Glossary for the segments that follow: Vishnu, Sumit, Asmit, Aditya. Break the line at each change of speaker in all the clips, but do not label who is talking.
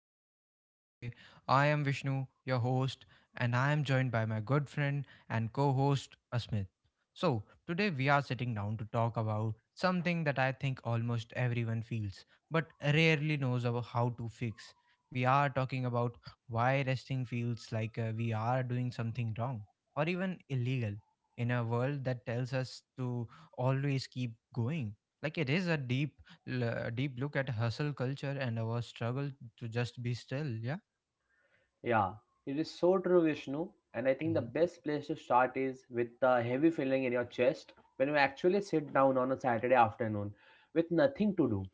conversation today. I am Vishnu, your host, and I am joined by my good friend and co host, Asmit. So, today we are sitting down to talk about something that I think almost everyone feels but rarely knows about how to fix. We are talking about why resting feels like we are doing something wrong or even illegal in a world that tells us to always keep going. Like, it is a deep deep look at hustle culture and our struggle to just be still. Yeah.
Yeah, it is so true, Vishnu. And I think the
Hmm.
best place to start is with the heavy feeling in your chest when you actually sit down on a Saturday afternoon with nothing to do.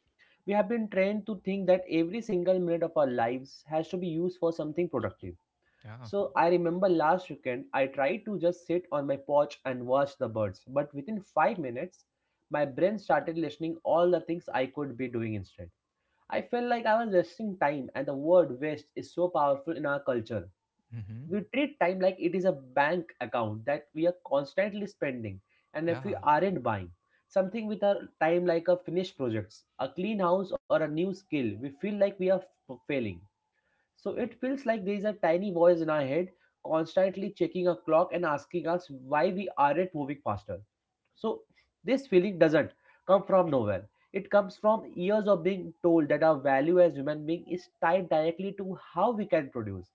We have been trained to think that every single minute of our lives has to be used for something productive.
Yeah.
So I remember last weekend I tried to just sit on my porch and watch the birds, but within 5 minutes my brain started listing all the things I could be doing instead. I felt like I was wasting time, and the word waste is so powerful in our culture.
Hmm.
We treat time like it is a bank account that we are constantly spending, and if we
Yeah.
aren't buying something with our time, like a finished projects, a clean house, or a new skill, we feel like we are failing. So it feels like there is a tiny voice in our head constantly checking a clock and asking us why we aren't moving faster. So this feeling doesn't come from nowhere. It comes from years of being told that our value as human being is tied directly to how we can produce.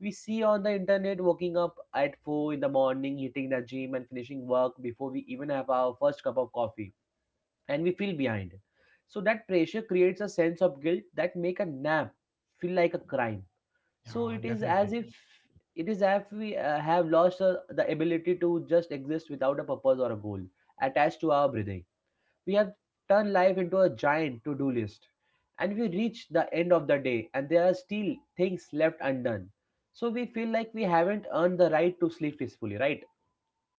We see on the internet waking up at 4 in the morning, hitting the gym, and finishing work before we even have our first cup of coffee, and we feel behind. So that pressure creates a sense of guilt that make a nap feel like a crime. So
Yeah.
it is as
Definitely.
if we have lost the ability to just exist without a purpose or a goal attached to our breathing. We have turned life into a giant to do list. And we reach the end of the day, and there are still things left undone. So we feel like we haven't earned the right to sleep peacefully, right?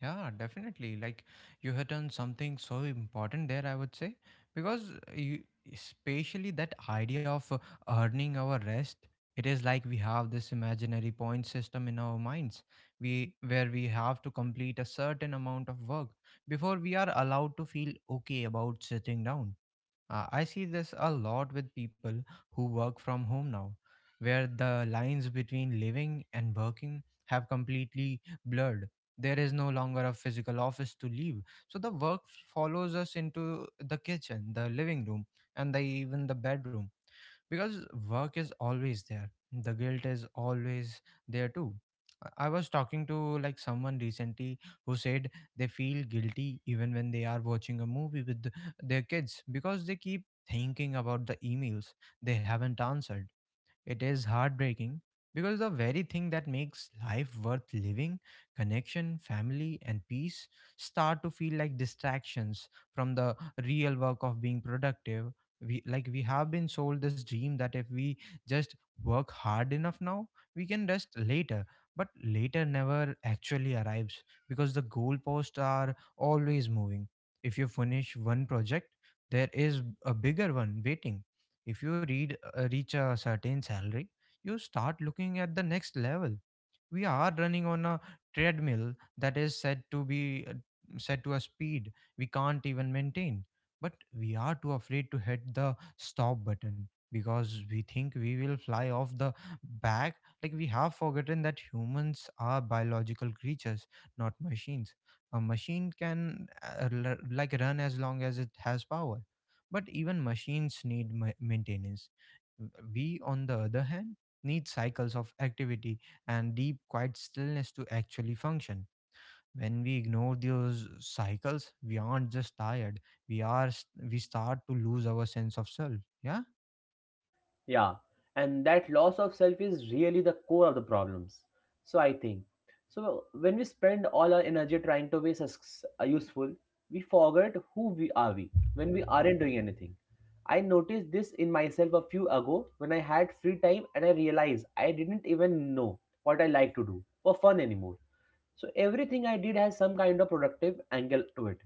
Yeah. Definitely. Like you had done something so important there, I would say, because especially that idea of earning our rest. It is like we have this imaginary point system in our minds, we where we have to complete a certain amount of work before we are allowed to feel okay about sitting down. I see this a lot with people who work from home now, where the lines between living and working have completely blurred. There is no longer a physical office to leave, so the work follows us into the kitchen, the living room, and even the bedroom. Because work is always there, the guilt is always there too. I was talking to like someone recently who said they feel guilty even when they are watching a movie with their kids, because they keep thinking about the emails they haven't answered. It is heartbreaking because the very thing that makes life worth living, connection, family, and peace, start to feel like distractions from the real work of being productive. We like we have been sold this dream that if we just work hard enough now, we can rest later. But later never actually arrives because the goalposts are always moving. If you finish one project, there is a bigger one waiting. If you read reach a certain salary, you start looking at the next level. We are running on a treadmill that is said to be set to a speed we can't even maintain, but we are too afraid to hit the stop button because we think we will fly off the back. Like we have forgotten that humans are biological creatures, not machines. A machine can like run as long as it has power, but even machines need maintenance. We on the other hand need cycles of activity and deep, quiet stillness to actually function. When we ignore those cycles, we aren't just tired. We are we start to lose our sense of self. Yeah.
Yeah, and that loss of self is really the core of the problems. So I think. So when we spend all our energy trying to be useful, we forget who we are we when we aren't doing anything. I noticed this in myself a few ago when I had free time and I realized I didn't even know what I like to do for fun anymore. So everything I did has some kind of productive angle to it.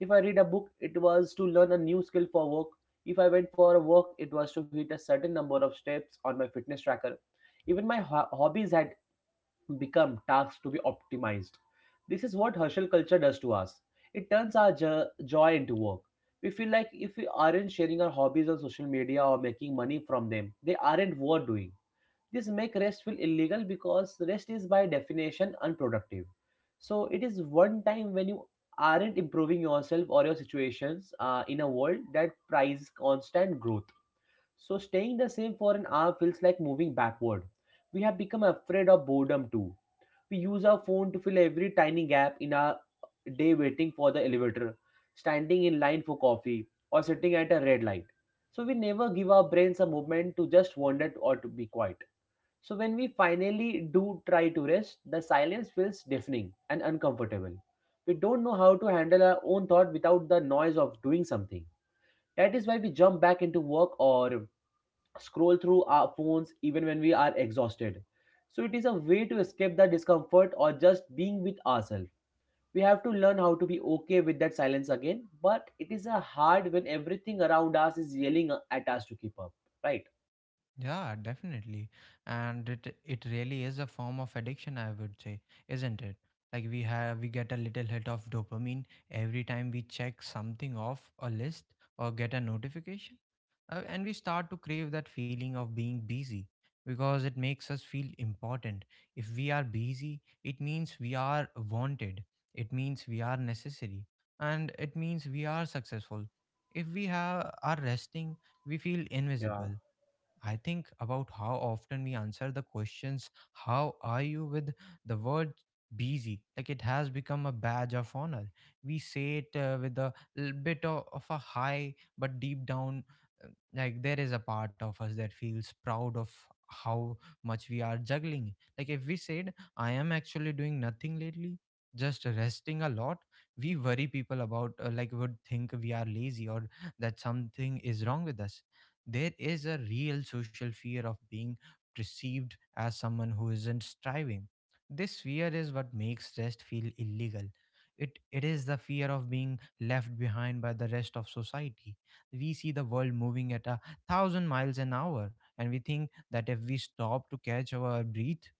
If I read a book, it was to learn a new skill for work. If I went for a walk, it was to hit a certain number of steps on my fitness tracker. Even my hobbies had become tasks to be optimized. This is what hustle culture does to us. It turns our joy into work. We feel like if we aren't sharing our hobbies on social media or making money from them, they aren't worth doing. This make rest feel illegal because rest is by definition unproductive. So it is one time when you aren't improving yourself or your situations in a world that prizes constant growth. So staying the same for an hour feels like moving backward. We have become afraid of boredom too. We use our phone to fill every tiny gap in our day, waiting for the elevator, standing in line for coffee, or sitting at a red light. So we never give our brains a moment to just wander or to be quiet. So when we finally do try to rest, the silence feels deafening and uncomfortable. We don't know how to handle our own thought without the noise of doing something. That is why we jump back into work or scroll through our phones even when we are exhausted. So it is a way to escape the discomfort or just being with ourselves. We have to learn how to be okay with that silence again, but it is a hard when everything around us is yelling at us to keep up, right?
Yeah, definitely. And it really is a form of addiction, I would say, isn't it? Like we get a little hit of dopamine every time we check something off a list or get a notification. And we start to crave that feeling of being busy because it makes us feel important. If we are busy, it means we are wanted, it means we are necessary, and it means we are successful. If are resting, we feel
Yeah.
invisible. I think about how often we answer the questions, how are you, with the word busy? Like it has become a badge of honor. We say it with a little bit of a high, but deep down, uh, like there is a part of us that feels proud of how much we are juggling. Like if we said, I am actually doing nothing lately, just resting a lot, we worry people about, like, would think we are lazy or that something is wrong with us. There is a real social fear of being perceived as someone who isn't striving. This fear is what makes rest feel illegal. It is the fear of being left behind by the rest of society. We see the world moving at a thousand miles an hour, and we think that if we stop to catch our breath,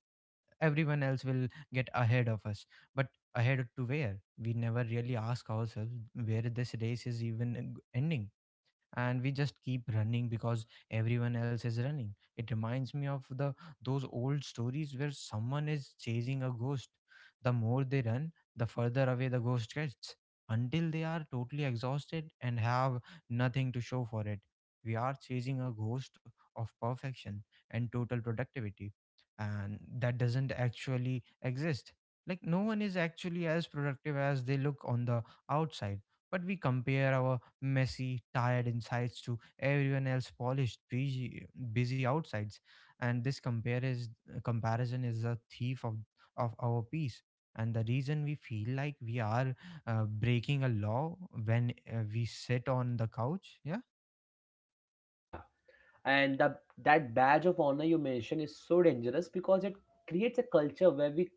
everyone else will get ahead of us. But ahead to where? We never really ask ourselves where this race is even ending, and we just keep running because everyone else is running. It reminds me of the those old stories where someone is chasing a ghost. The more they run, the further away the ghost gets, until they are totally exhausted and have nothing to show for it. We are chasing a ghost of perfection and total productivity, and that doesn't actually exist. Like no one is actually as productive as they look on the outside, but we compare our messy, tired insides to everyone else polished, busy outsides. And this comparison is a thief of our peace. And the reason we feel like we are breaking a law when we sit on the couch. Yeah.
Yeah. and the, that badge of honor you mentioned is so dangerous because it creates a culture where we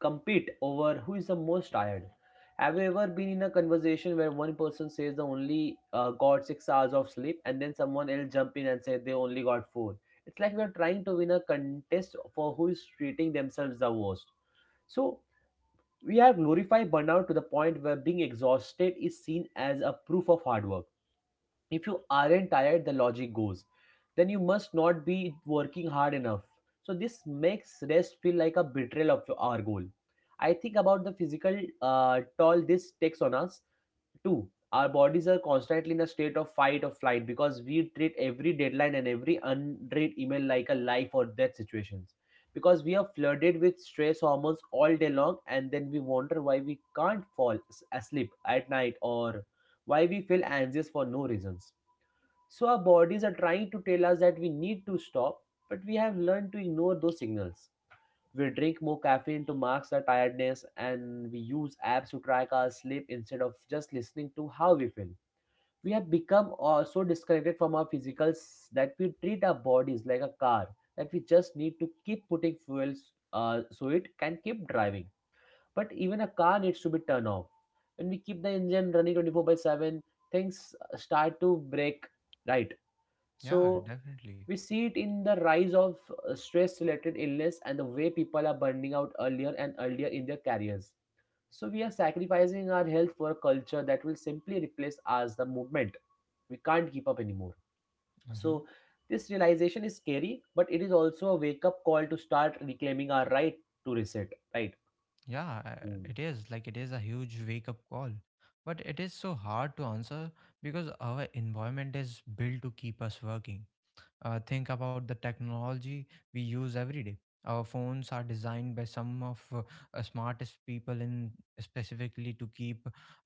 compete over who is the most tired. Have you ever been in a conversation where one person says they only got 6 hours of sleep and then someone else jump in and say they only got four? It's like we're trying to win a contest for who is treating themselves the worst. So we have glorified burnout to the point where being exhausted is seen as a proof of hard work. If you aren't tired, the logic goes, then you must not be working hard enough. So this makes rest feel like a betrayal of our goal. I think about the physical toll this takes on us too. Our bodies are constantly in a state of fight or flight because we treat every deadline and every unread email like a life or death situations, because we are flooded with stress hormones all day long, and then we wonder why we can't asleep at night or why we feel anxious for no reasons. So our bodies are trying to tell us that we need to stop, but we have learned to ignore those signals. We drink more caffeine to mask our tiredness, and we use apps to track our sleep instead of just listening to how we feel. We have become so disconnected from our physicals that we treat our bodies like a car that we just need to keep putting fuels so it can keep driving. But even a car needs to be turned off. When we keep the engine running 24 by 7, things start to break, right?
Yeah,
So
definitely.
we see it in the rise of stress related illness and the way people are burning out earlier and earlier in their careers. So we are sacrificing our health for a culture that will simply replace us the movement. We can't keep up anymore.
Hmm.
So this realization is scary, but it is also a wake up call to start reclaiming our right to reset, right?
Yeah,
Hmm.
it is like it is a huge wake up call. But it is so hard to answer because our environment is built to keep us working. Think about the technology we use every day. Our phones are designed by some of smartest people in, specifically to keep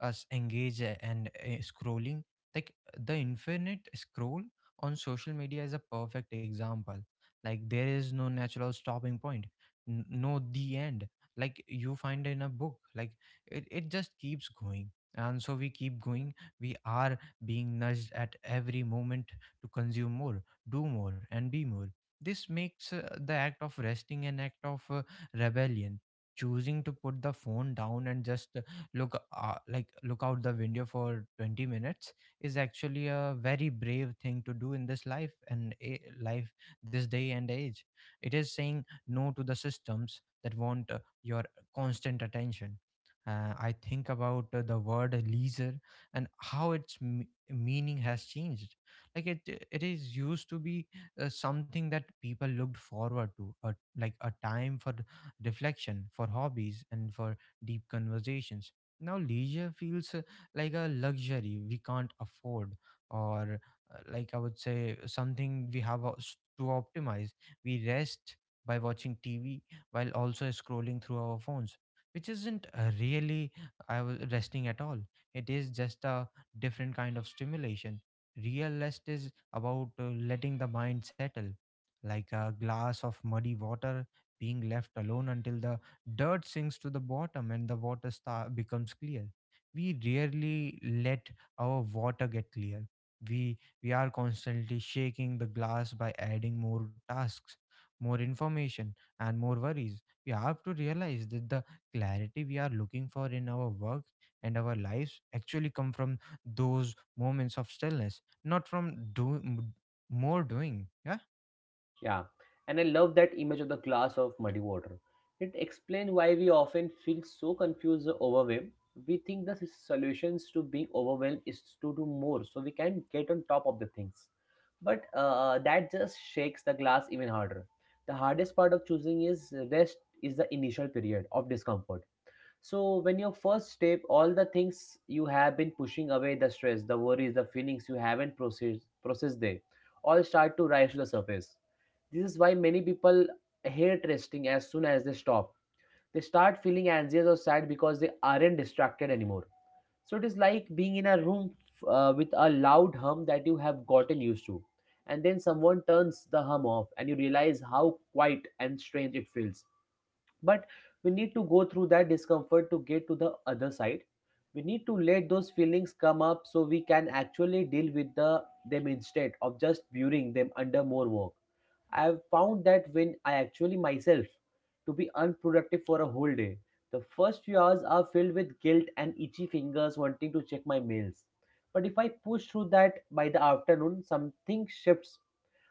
us engaged and scrolling. Like the infinite scroll on social media is a perfect example. Like there is no natural stopping point, no the end. Like you find in a book, like it just keeps going. And so we keep going. We are being nudged at every moment to consume more, do more, and be more. This makes the act of resting an act of rebellion. Choosing to put the phone down and just look like look out the window for 20 minutes is actually a very brave thing to do in this life and a life this day and age. It is saying no to the systems that want your constant attention. I think about the word leisure and how its meaning has changed. Like it is used to be something that people looked forward to, like a time for reflection, for hobbies, and for deep conversations. Now leisure feels like a luxury we can't afford, or like I would say something we have to optimize. We rest by watching tv while also scrolling through our phones, which isn't really, I was resting at all. It is just a different kind of stimulation. Real rest is about letting the mind settle, like a glass of muddy water being left alone until the dirt sinks to the bottom and the water star becomes clear. We rarely let our water get clear. We are constantly shaking the glass by adding more tasks, more information, and more worries. We have to realize that the clarity we are looking for in our work and our lives actually come from those moments of stillness, not from do more doing. Yeah.
Yeah, and I love that image of the glass of muddy water. It explains why we often feel so confused or overwhelmed. We think the solutions to being overwhelmed is to do more so we can get on top of the things. But that just shakes the glass even harder. The hardest part of choosing is rest is the initial period of discomfort. So when your first step, all the things you have been pushing away, the stress, the worries, the feelings you haven't processed there, all start to rise to the surface. This is why many people hate resting as soon as they stop. They start feeling anxious or sad because they aren't distracted anymore. So it is like being in a room with a loud hum that you have gotten used to. And then someone turns the hum off and you realize how quiet and strange it feels. But we need to go through that discomfort to get to the other side. We need to let those feelings come up so we can actually deal with the them instead of just burying them under more work. I have found that when I actually myself to be unproductive for a whole day, the first few hours are filled with guilt and itchy fingers wanting to check my mails. But if I push through that, by the afternoon something shifts.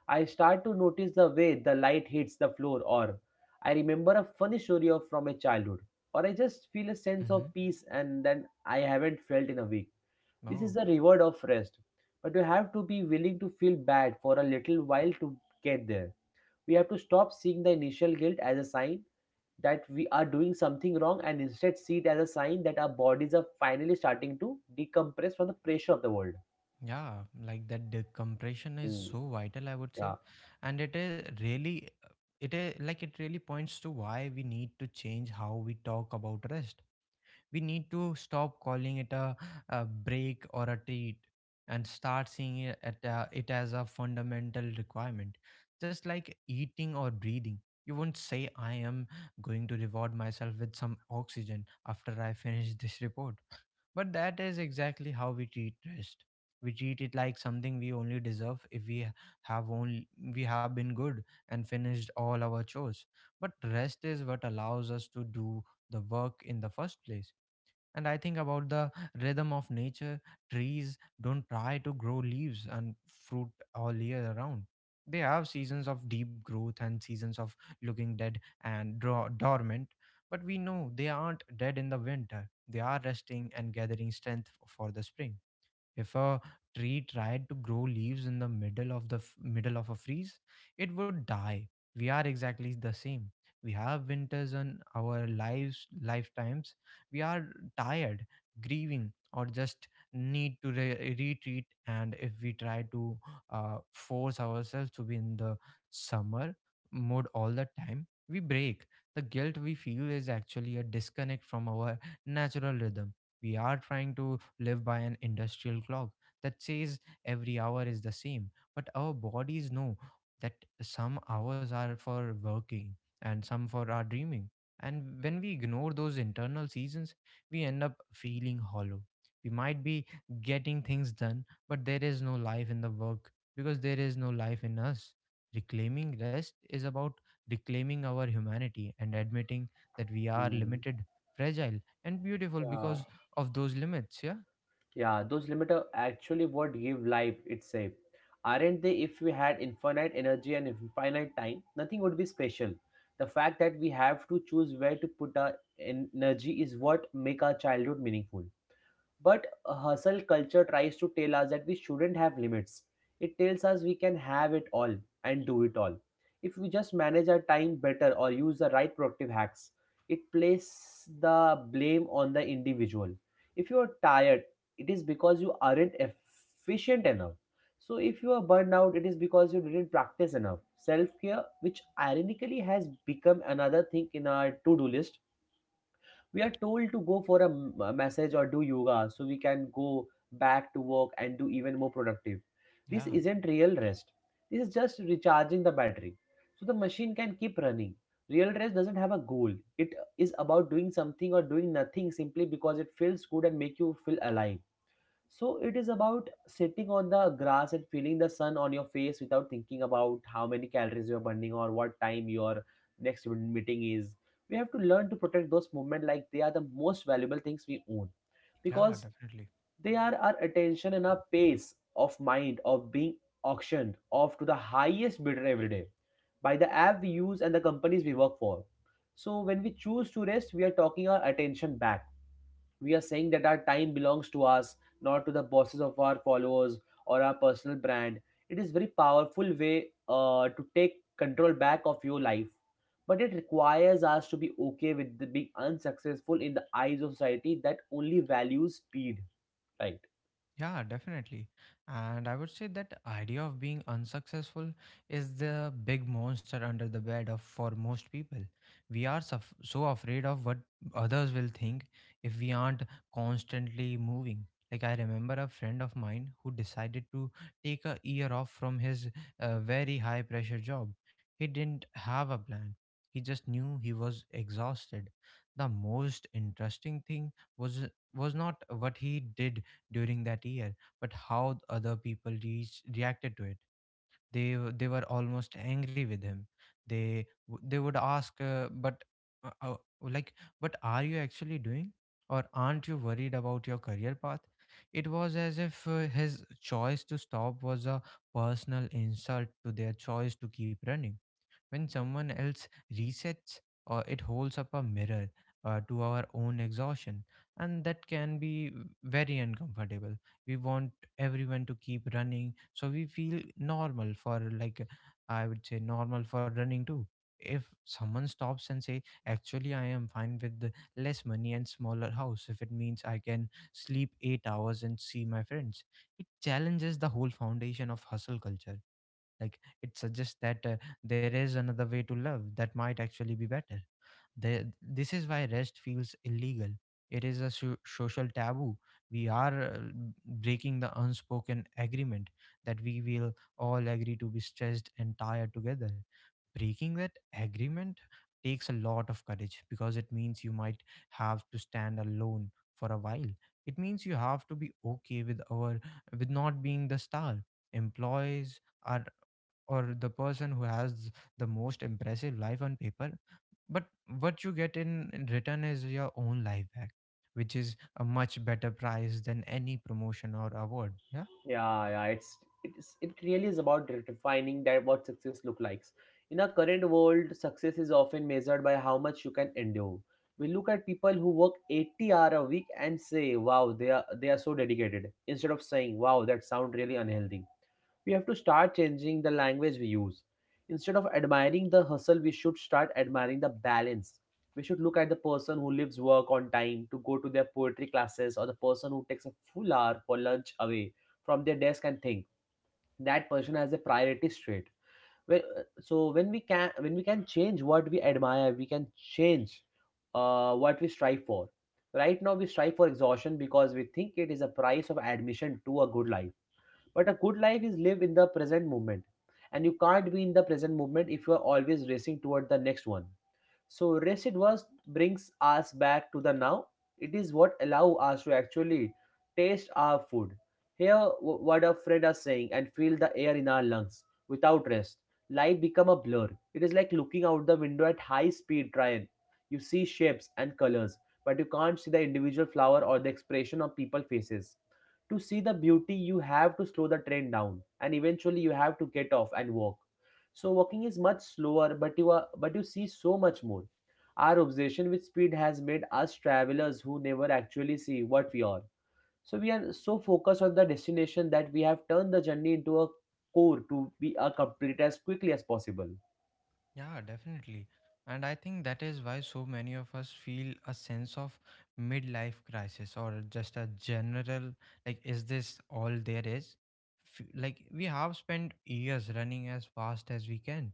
I start to notice the way the light hits the floor, or I remember a funny story of from a childhood, or I just feel a sense
Mm-hmm.
of peace and then I haven't felt in a week. This is
Oh,
the reward of rest. But you have to be willing to feel bad for a little while to get there. We have to stop seeing the initial guilt as a sign that we are doing something wrong, and instead see it as a sign that our bodies are finally starting to decompress from the pressure of the world.
yeah. Like that decompression is
Mm,
so vital, I would say.
yeah.
And it is really, it is like it really points to why we need to change how we talk about rest. We need to stop calling it a break or a treat, and start seeing it as a fundamental requirement, just like eating or breathing. You won't say, I am going to reward myself with some oxygen after I finish this report. But that is exactly how we treat rest. We treat it like something we only deserve if have only we have been good and finished all our chores. But rest is what allows us to do the work in the first place. And I think about the rhythm of nature. Trees don't try to grow leaves and fruit all year around. They have seasons of deep growth and seasons of looking dead and dormant. But we know they aren't dead in the winter, they are resting and gathering strength for the spring. If a tree tried to grow leaves in the middle of the f- middle of a freeze, it would die. We are exactly the same. We have winters on our lives lifetimes. We are tired, grieving, or just need to retreat. And if we try to force ourselves to be in the summer mode all the time, we break. The guilt we feel is actually a disconnect from our natural rhythm. We are trying to live by an industrial clock that says every hour is the same. But our bodies know that some hours are for working and some for our dreaming. And when we ignore those internal seasons, we end up feeling hollow. We might be getting things done, but there is no life in the work because there is no life in us. Reclaiming rest is about reclaiming our humanity and admitting that we are
Mm.
limited, fragile, and beautiful
Yeah.
because of those limits. Yeah.
Yeah, those limits are actually what give life itself. Aren't they? If we had infinite energy and infinite time, nothing would be special. The fact that we have to choose where to put our energy is what make our childhood meaningful. But a hustle culture tries to tell us that we shouldn't have limits. It tells us we can have it all and do it all. If we just manage our time better or use the right productive hacks, it places the blame on the individual. If you are tired, it is because you aren't efficient enough. So if you are burned out, it is because you didn't practice enough. Self care, which ironically has become another thing in our to do list, we are told to go for a massage or do yoga so we can go back to work and do even more productive. This
Yeah,
isn't real rest, this is just recharging the battery so the machine can keep running. Real rest doesn't have a goal, it is about doing something or doing nothing simply because it feels good and make you feel alive. So it is about sitting on the grass and feeling the sun on your face without thinking about how many calories you're burning or what time your next meeting is. We have to learn to protect those moments like they are the most valuable things we own,
yeah,
because
definitely.
they are our attention and our pace of mind of being auctioned off to the highest bidder every day by the app we use and the companies we work for. So when we choose to rest, we are talking our attention back, we are saying that our time belongs to us, not to the bosses of our followers or our personal brand. It is very powerful way to take control back of your life. But it requires us to be okay with the being unsuccessful in the eyes of society that only values speed. Right.
Yeah, definitely. And I would say that idea of being unsuccessful is the big monster under the bed of for most people. We are suff so afraid of what others will think if we aren't constantly moving. Like I remember a friend of mine who decided to take a year off from his very high pressure job. He didn't have a plan. He just knew he was exhausted. The most interesting thing was not what he did during that year, but how other people reacted to it. They were almost angry with him. They would ask, but uh, uh, like, but are you actually doing, or aren't you worried about your career path? It was as if his choice to stop was a personal insult to their choice to keep running. When someone else resets, it holds up a mirror to our own exhaustion, and that can be very uncomfortable. We want everyone to keep running, so we feel normal for I would say normal for running too. If someone stops and say, "Actually, I am fine with the less money and smaller house," if it means I can sleep 8 hours and see my friends, it challenges the whole foundation of hustle culture. Like it suggests that there is another way to love that might actually be better. This is why rest feels illegal. It is a social taboo. We are breaking the unspoken agreement that we will all agree to be stressed and tired together. Breaking that agreement takes a lot of courage because it means you might have to stand alone for a while. It means you have to be okay with our with not being the star employees are or the person who has the most impressive life on paper. But what you get in return is your own life back, which is a much better price than any promotion or award. Yeah.
Yeah, yeah, it really is about defining that what success look likes. In our current world, success is often measured by how much you can endure. We look at people who work 80 hour a week and say, "Wow, they are so dedicated," instead of saying, "Wow, that sound really unhealthy." We have to start changing the language we use. Instead of admiring the hustle, we should start admiring the balance. We should look at the person who leaves work on time to go to their poetry classes or the person who takes a full hour for lunch away from their desk and think that person has a priority straight. So when we can change what we admire, we can change what we strive for. Right now, we strive for exhaustion because we think it is a price of admission to a good life, but a good life is live in the present moment. And you can't be in the present moment if you are always racing toward the next one. So rest it was brings us back to the now. It is what allow us to actually taste our food, hear what our friend are saying, and feel the air in our lungs. Without rest, life become a blur. It is like looking out the window at high speed train. You see shapes and colors, but you can't see the individual flower or the expression on people faces. To see the beauty, you have to slow the train down, and eventually you have to get off and walk. So walking is much slower, but you see so much more. Our obsession with speed has made us travelers who never actually see what we are. So we are so focused on the destination that we have turned the journey into a core to be a complete as quickly as possible.
Yeah, definitely. And I think that is why so many of us feel a sense of midlife crisis or just a general, like, is this all there is? Like, we have spent years running as fast as we can,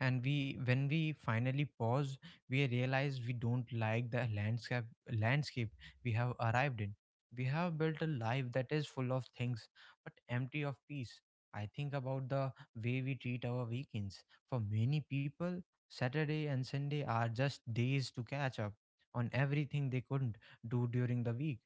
and we when we finally pause, we realize we don't like the landscape we have arrived in. We have built a life that is full of things but empty of peace. I think about the way we treat our weekends. For many people, Saturday and Sunday are just days to catch up on everything they couldn't do during the week.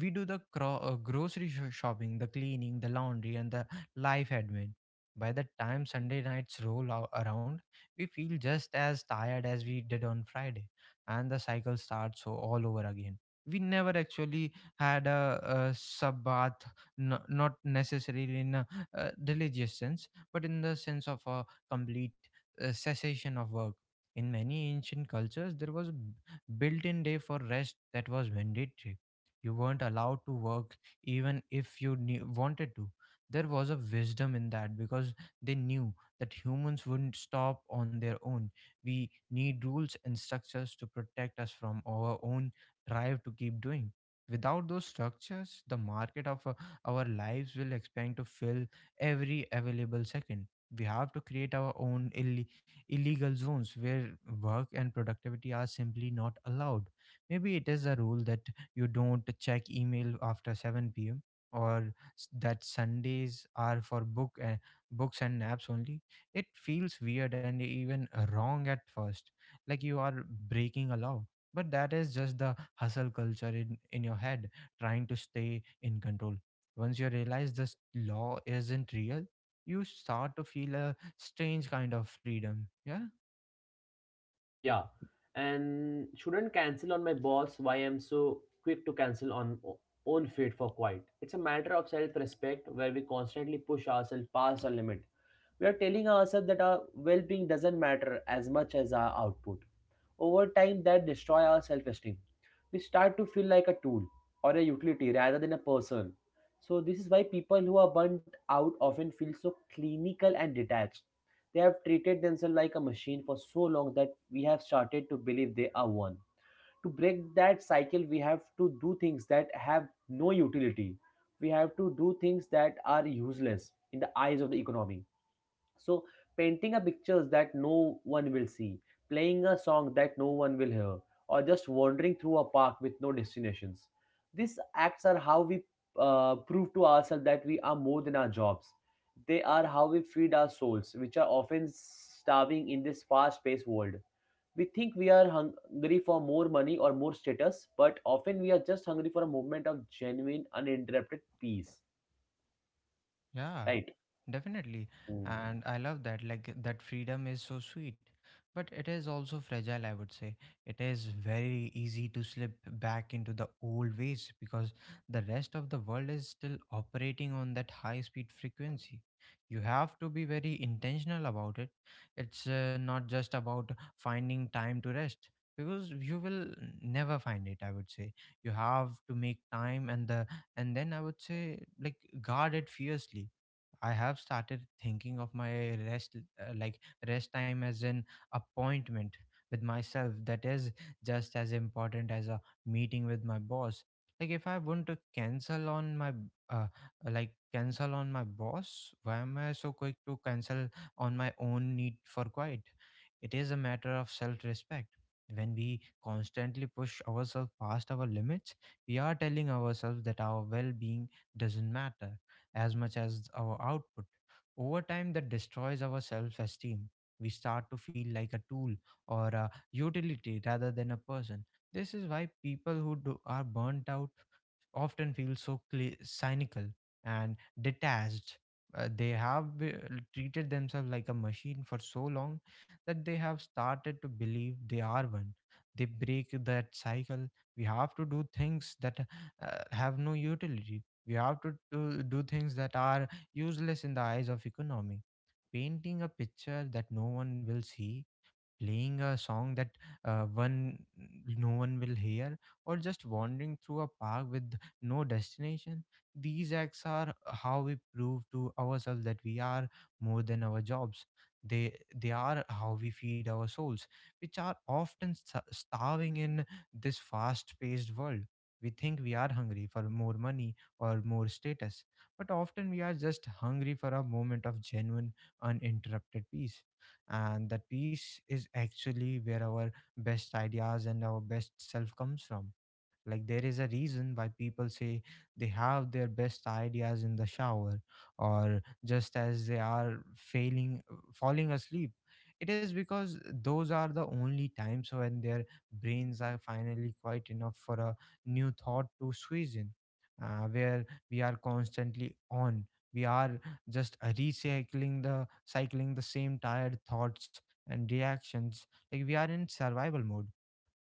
We do the grocery shopping, the cleaning, the laundry, and the life admin. By the time Sunday nights roll around, we feel just as tired as we did on Friday, and the cycle starts all over again. We never actually had a sabbath, not necessarily in a, religious sense, but in the sense of a complete cessation of work. In many ancient cultures, there was a built-in day for rest that was mandatory. You weren't allowed to work even if you wanted to. There was a wisdom in that because they knew that humans wouldn't stop on their own. We need rules and structures to protect us from our own drive to keep doing. Without those structures, the market of our lives will expand to fill every available second. We have to create our own illegal zones where work and productivity are simply not allowed. Maybe it is a rule that you don't check email after 7 p.m. or that Sundays are for books and naps only. It feels weird and even wrong at first, like you are breaking a law. But that is just the hustle culture in your head, trying to stay in control. Once you realize this law isn't real, you start to feel a strange kind of freedom. Yeah,
Yeah, and shouldn't cancel on my boss why I'm so quick to cancel on own fate for quiet. It's a matter of self-respect where we constantly push ourselves past our limit, we are telling ourselves that our well-being doesn't matter as much as our output. Over time that destroys our self-esteem, we start to feel like a tool or a utility rather than a person. So this is why people who are burnt out often feel so clinical and detached, they have treated themselves like a machine for so long that we have started to believe they are one. To break that cycle we have to do things that have no utility, we have to do things that are useless in the eyes of the economy. So, painting a pictures that no one will see, playing a song that no one will hear, or just wandering through a park with no destinations. These acts are how we prove to ourselves that we are more than our jobs. They are how we feed our souls, which are often starving in this fast paced world. We think we are hungry for more money or more status, but often we are just hungry for a moment of genuine, uninterrupted peace.
yeah.
Right?
Definitely.
Mm.
And I love that. Like that freedom is so sweet, but it is also fragile, I would say. It is very easy to slip back into the old ways because the rest of the world is still operating on that high speed frequency. You have to be very intentional about it. It's not just about finding time to rest because you will never find it. I would say you have to make time and then I would say like guard it fiercely. I have started thinking of my rest, like rest time, as an appointment with myself that is just as important as a meeting with my boss. Like if I want to cancel on my, uh, cancel on my boss, why am I so quick to cancel on my own need for quiet? It is a matter of self-respect. When we constantly push ourselves past our limits, we are telling ourselves that our well-being doesn't matter as much as our output. Over time, that destroys our self esteem. We start to feel like a tool or a utility rather than a person. This is why people who are burnt out often feel so cli cynical and detached. They have treated themselves like a machine for so long that they have started to believe they are one. They break that cycle. We have to do things that have no utility. We have to do things that are useless in the eyes of economy. Painting a picture that no one will see, playing a song that one no one will hear, or just wandering through a park with no destination. These acts are how we prove to ourselves that we are more than our jobs. They are how we feed our souls, which are often starving in this fast paced world. We think we are hungry for more money or more status, but often we are just hungry for a moment of genuine, uninterrupted peace. And that peace is actually where our best ideas and our best self comes from. Like, there is a reason why people say they have their best ideas in the shower or just as they are falling asleep. It is because those are the only times when their brains are finally quite enough for a new thought to squeeze in, where we are constantly on. We are just recycling the cycling the same tired thoughts and reactions, like we are in survival mode.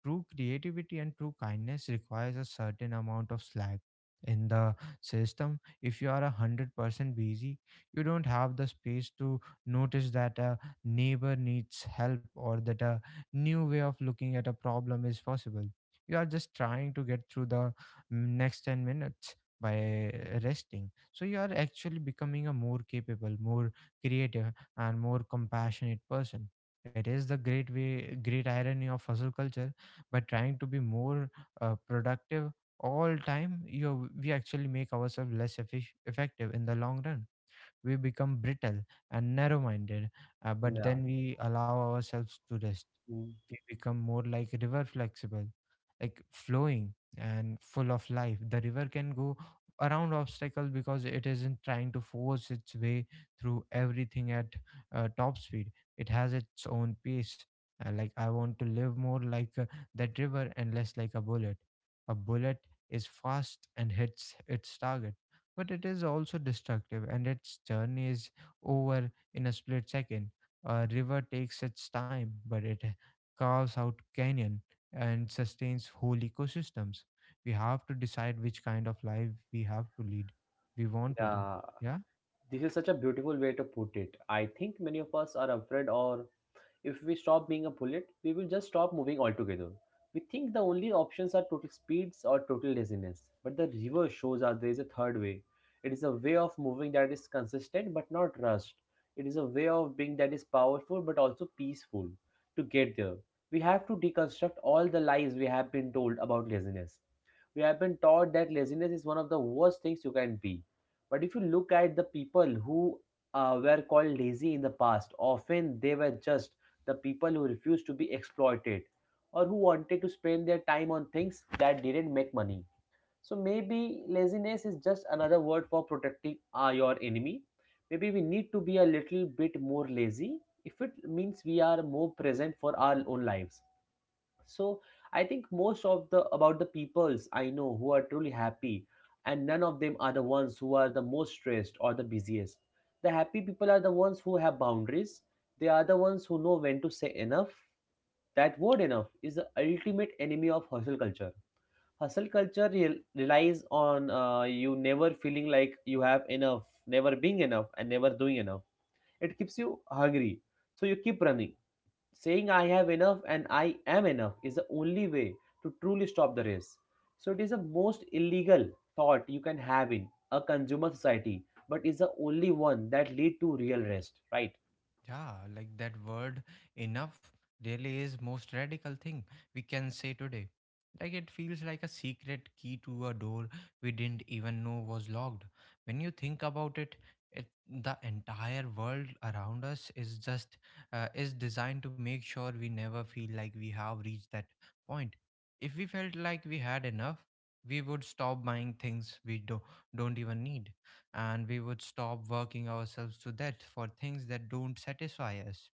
True creativity and true kindness requires a certain amount of slack in the system. If you are 100% busy, you don't have the space to notice that a neighbor needs help or that a new way of looking at a problem is possible. You are just trying to get through the next 10 minutes. By resting, so you are actually becoming a more capable, more creative, and more compassionate person. It is the great irony of hustle culture. By trying to be more productive all time you we actually make ourselves effective in the long run. We become brittle and narrow minded, but
Yeah.
then we allow ourselves to rest.
Mm.
We become more like river flexible, like flowing and full of life. The river can go around obstacle because it isn't trying to force its way through everything at top speed. It has its own pace. Like I want to live more like that river and less like a bullet. A bullet is fast and hits its target, but it is also destructive and its journey is over in a split second. A river takes its time, but it carves out canyon and sustains whole ecosystems. We have to decide which kind of life we want to live.
Yeah.
Yeah.
This is such a beautiful way to put it. I think many of us are afraid, or if we stop being a bullet, we will just stop moving altogether. We think the only options are total speeds or total laziness, but the river shows us there is a third way. It is a way of moving that is consistent but not rushed. It is a way of being that is powerful but also peaceful. To get there, we have to deconstruct all the lies we have been told about laziness. We have been taught that laziness is one of the worst things you can be. But if you look at the people who were called lazy in the past, often they were just the people who refused to be exploited or who wanted to spend their time on things that didn't make money. So maybe laziness is just another word for protecting your enemy. Maybe we need to be a little bit more lazy if it means we are more present for our own lives. So I think most of the about the peoples I know who are truly happy, and none of them are the ones who are the most stressed or the busiest. The happy people are the ones who have boundaries, they are the ones who know when to say enough. That word enough is the ultimate enemy of hustle culture. Hustle culture relies on you never feeling like you have enough, never being enough and never doing enough. It keeps you hungry so you keep running. Saying I have enough and I am enough is the only way to truly stop the race. So it is the most illegal thought you can have in a consumer society, but is the only one that lead to real rest, right?
Yeah, like that word enough really is most radical thing we can say today. Like it feels like a secret key to a door we didn't even know was locked. When you think about it, the entire world around us is just is designed to make sure we never feel like we have reached that point. If we felt like we had enough, we would stop buying things don't even need, and we would stop working ourselves to death for things that don't satisfy us.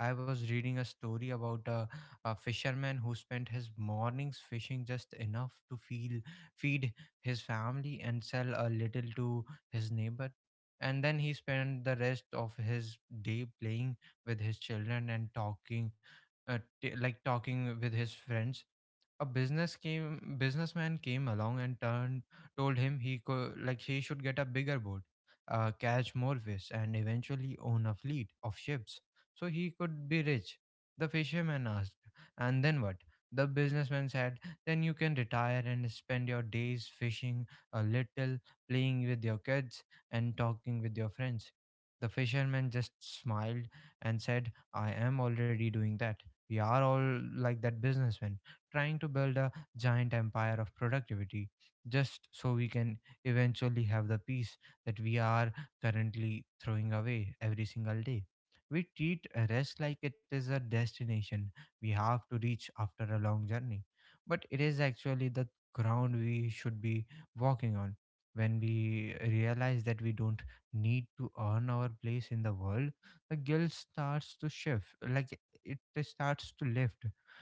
I was reading a story about a fisherman who spent his mornings fishing just enough to feel feed his family and sell a little to his neighbor. And then he spent the rest of his day playing with his children and talking, t- like talking with his friends. A businessman came along and turned told him he could like he should get a bigger boat, catch more fish, and eventually own a fleet of ships so he could be rich. The fisherman asked, "And then what?" The businessman said, "Then you can retire and spend your days fishing a little, playing with your kids, and talking with your friends." The fisherman just smiled and said, "I am already doing that." We are all like that businessman, trying to build a giant empire of productivity just so we can eventually have the peace that we are currently throwing away every single day. We treat a rest like it is a destination we have to reach after a long journey, but it is actually the ground we should be walking on. When we realize that we don't need to earn our place in the world, the guilt starts to shift, it starts to lift.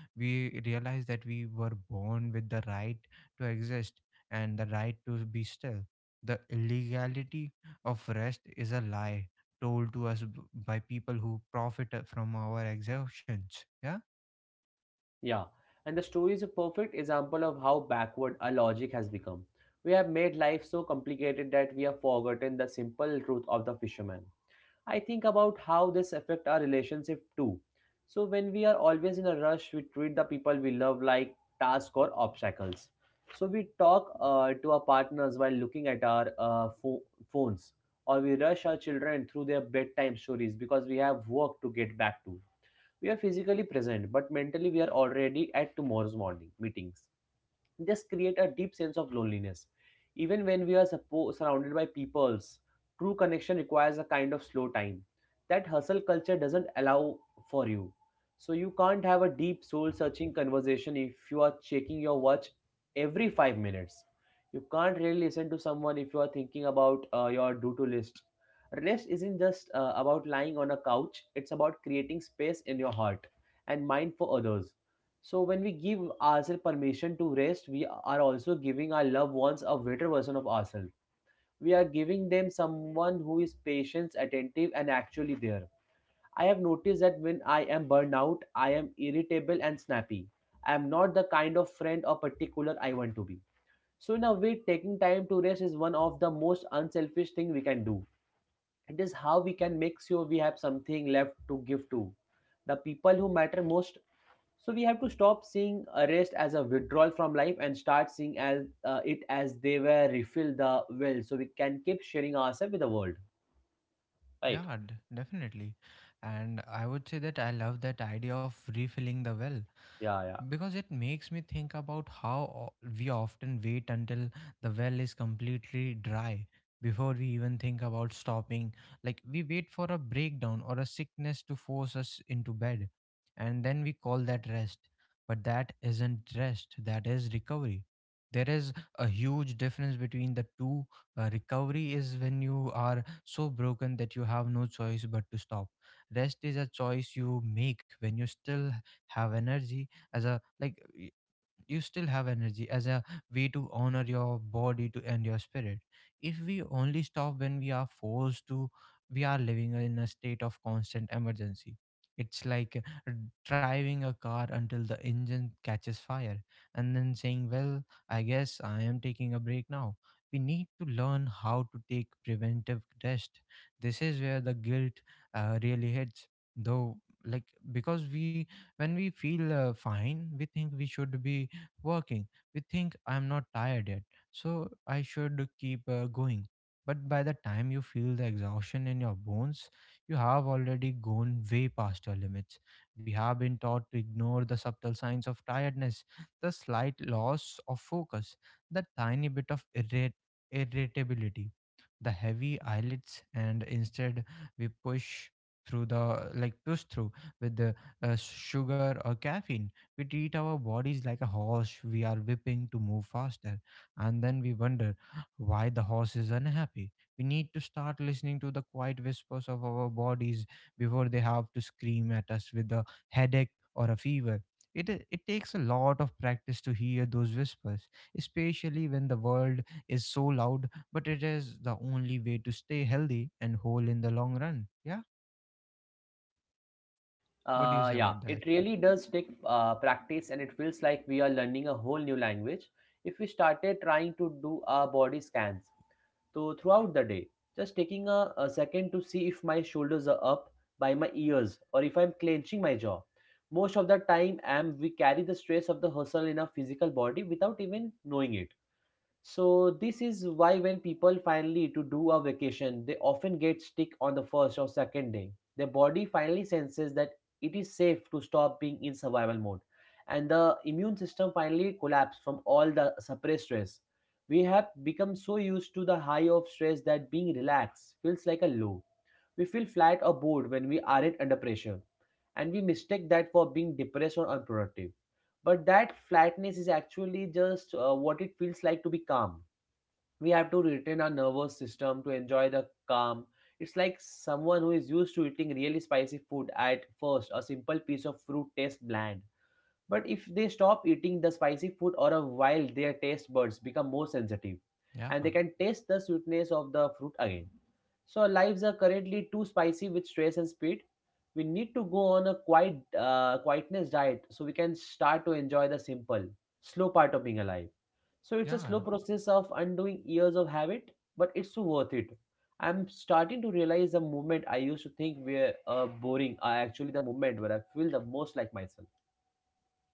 We realize that we were born with the right to exist and the right to be still. The illegality of rest is a lie told to us by people who profit from our exertions. Yeah,
Yeah. And the story is a perfect example of how backward our logic has become. We have made life so complicated that we have forgotten the simple truth of the fisherman. I think about how this affect our relationship too. So when we are always in a rush, we treat the people we love like tasks or obstacles. So we talk to our partners while looking at our phones, or we rush our children through their bedtime stories because we have work to get back to. We are physically present, but mentally we are already at tomorrow's morning meetings. This create a deep sense of loneliness even when we are surrounded by peoples. True connection requires a kind of slow time that hustle culture doesn't allow for you. So you can't have a deep soul searching conversation if you are checking your watch every 5 minutes. You can't really listen to someone if you are thinking about your do to list. Rest isn't just about lying on a couch, it's about creating space in your heart and mind for others. So when we give ourselves permission to rest, we are also giving our loved ones a better version of ourselves. We are giving them someone who is patient, attentive, and actually there. I have noticed that when I am burned out, I am irritable and snappy. I am not the kind of friend or particular I want to be. So in a way, taking time to rest is one of the most unselfish thing we can do. It is how we can make sure we have something left to give to the people who matter most. So we have to stop seeing arrest as a withdrawal from life and start seeing as it as they were refill the well, so we can keep sharing ourselves with the world. Right?
yeah, definitely. And I would say that I love that idea of refilling the well,
Yeah, yeah.
because it makes me think about how we often wait until the well is completely dry before we even think about stopping. Like, we wait for a breakdown or a sickness to force us into bed, and then we call that rest. But that isn't rest, that is recovery. There is a huge difference between the two. Recovery is when you are so broken that you have no choice but to stop. Rest is a choice you make when you still have energy, as a like y- you still have energy, as a way to honor your body to and your spirit. If we only stop when we are forced to, we are living in a state of constant emergency. It's like, uh, driving a car until the engine catches fire and then saying, "Well, I guess I am taking a break now." We need to learn how to take preventive rest. This is where the guilt really hits, though. like because we when we feel fine, we think we should be working. We think, "I'm not tired yet, so I should keep going." But by the time you feel the exhaustion in your bones, you have already gone way past your limits. We have been taught to ignore the subtle signs of tiredness, the slight loss of focus, the tiny bit of irritability, the heavy eyelids, and instead we push through with the sugar or caffeine. We treat our bodies like a horse we are whipping to move faster, and then we wonder why the horse is unhappy. We need to start listening to the quiet whispers of our bodies before they have to scream at us with a headache or a fever. It takes a lot of practice to hear those whispers, especially when the world is so loud, but it is the only way to stay healthy and whole in the long run. Yeah? What do you say
Yeah,
about that?
it really does take practice, and it feels like we are learning a whole new language if we started trying to do our body scans. So, throughout the day, just taking a second to see if my shoulders are up by my ears or if I'm clenching my jaw. Most of the time, am we carry the stress of the hustle in our physical body without even knowing it. So this is why when people finally to do a vacation, they often get sick on the first or second day. Their body finally senses that it is safe to stop being in survival mode, and the immune system finally collapses from all the suppressed stress. We have become so used to the high of stress that being relaxed feels like a low. We feel flat or bored when we aren't under pressure, and we mistake that for being depressed or unproductive. But that flatness is actually just what it feels like to be calm. We have to retrain our nervous system to enjoy the calm. It's like someone who is used to eating really spicy food. At first, a simple piece of fruit tastes bland, but if they stop eating the spicy food or a while, their taste buds become more sensitive
Yeah,
and
huh.
they can taste the sweetness of the fruit again. So our lives are currently too spicy with stress and speed. We need to go on a quietness diet so we can start to enjoy the simple, slow part of being alive. So it's a slow
Yeah.
process of undoing years of habit, but it's so worth it. I'm starting to realize the moment I used to think were boring are actually the moment where I feel the most like myself.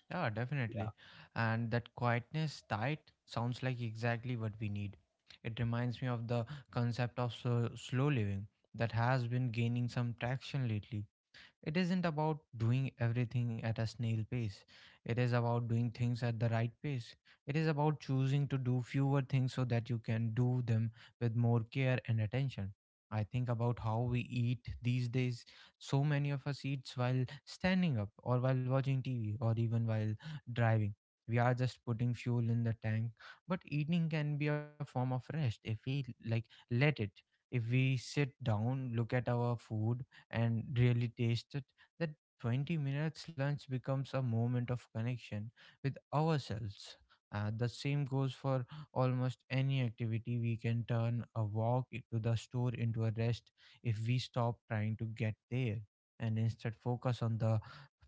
Yeah, definitely. And that quietness tight sounds like exactly what we need. It reminds me of the concept of slow living that has been gaining some traction lately. It isn't about doing everything at a snail pace. It is about doing things at the right pace. It is about choosing to do fewer things so that you can do them with more care and attention. I think about how we eat these days. So many of us eat while standing up, or while watching TV, or even while driving. We are just putting fuel in the tank, but eating can be a form of rest if we let it. If we sit down, look at our food and really taste it, that 20 minutes lunch becomes a moment of connection with ourselves. The same goes for almost any activity. We can turn a walk to the store into a rest if we stop trying to get there and instead focus on the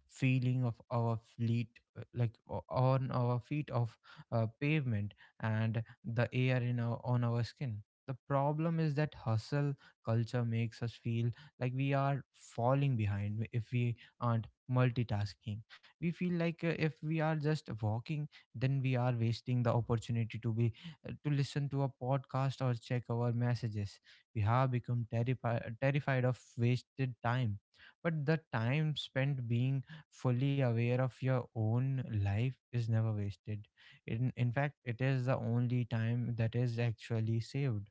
feeling of our feet, on our feet of pavement and the air on our skin. The problem is that hustle culture makes us feel like we are falling behind if we aren't multitasking. We feel like, if we are just walking, then we are wasting the opportunity to be, to listen to a podcast or check our messages. We have become terrified of wasted time, but the time spent being fully aware of your own life is never wasted. In fact, it is the only time that is actually saved.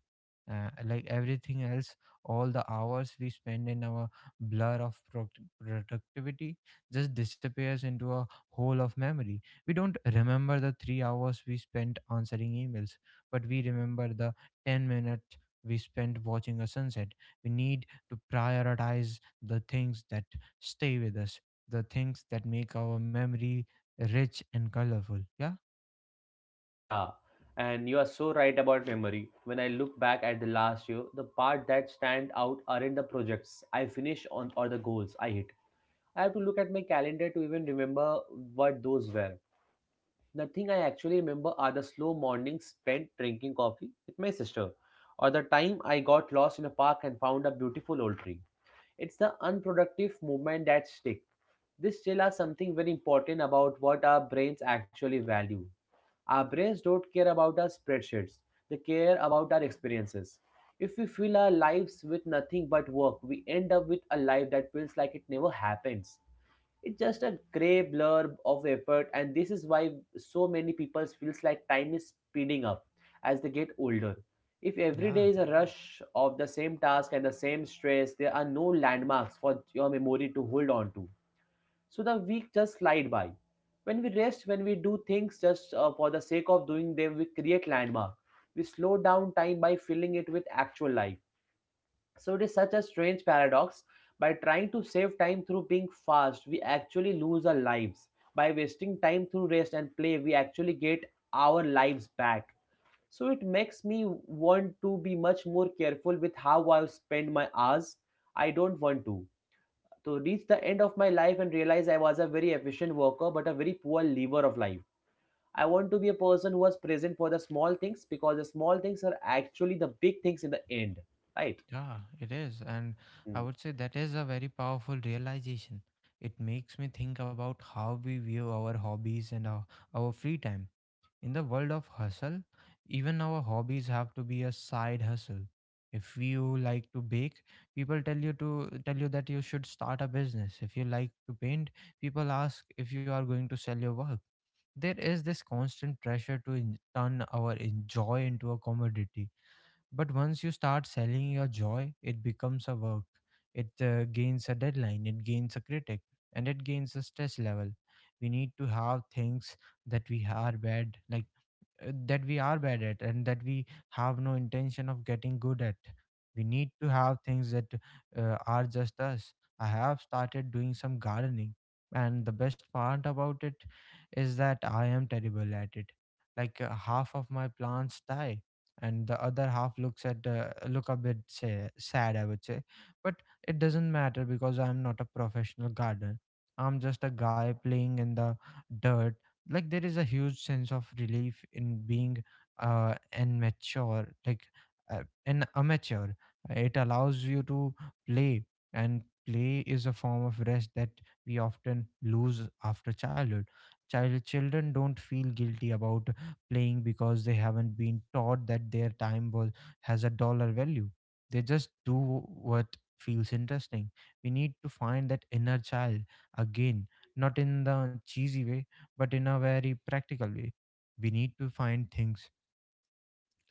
Like everything else, all the hours we spend in our blur of productivity just disappears into a hole of memory. We don't remember the 3 hours we spent answering emails, but we remember the 10 minutes we spent watching a sunset. We need to prioritize the things that stay with us, the things that make our memory rich and colorful. Yeah,
Yeah, and you are so right about memory. When I look back at the last year, the part that stand out aren't the projects I finished on or the goals I hit. I have to look at my calendar to even remember what those were. Nothing I actually remember are the slow mornings spent drinking coffee with my sister, or the time I got lost in a park and found a beautiful old tree. It's the unproductive movement that stick. This still are something very important about what our brains actually value. Our brains don't care about our spreadsheets, they care about our experiences. If we fill our lives with nothing but work, we end up with a life that feels like it never happens. It's just a grey blur of effort, and this is why so many people feels like time is speeding up as they get older. If every day
yeah.
is a rush of the same task and the same stress, there are no landmarks for your memory to hold on to. So the week just slide by. When we rest, when we do things just for the sake of doing them, we create landmark. We slow down time by filling it with actual life. So it is such a strange paradox. By trying to save time through being fast, we actually lose our lives. By wasting time through rest and play, we actually get our lives back. So it makes me want to be much more careful with how I spend my hours. I don't want to reach the end of my life and realize I was a very efficient worker but a very poor lever of life. I want to be a person who was present for the small things, because the small things are actually the big things in the end, right?
Yeah, it is. And I
Mm.
would say that is a very powerful realization. It makes me think about how we view our hobbies and our free time. In the world of hustle, even our hobbies have to be a side hustle. If you like to bake, people tell you that you should start a business. If you like to paint, people ask if you are going to sell your work. There is this constant pressure to turn our joy into a commodity. But once you start selling your joy, it becomes a work. It gains a deadline, it gains a critic, and it gains a stress level. We need to have things that we are bad, that we are bad at and that we have no intention of getting good at. We need to have things that are just us. I have started doing some gardening, and the best part about it is that I am terrible at it. Like, half of my plants die and the other half look a bit sad, I would say. But it doesn't matter because I'm not a professional gardener, I'm just a guy playing in the dirt. There is a huge sense of relief in being an mature like an amateur. It allows you to play, and play is a form of rest that we often lose after childhood. Children don't feel guilty about playing because they haven't been taught that their time was has a dollar value. They just do what feels interesting. We need to find that inner child again, not in the cheesy way, but in a very practical way. We need to find things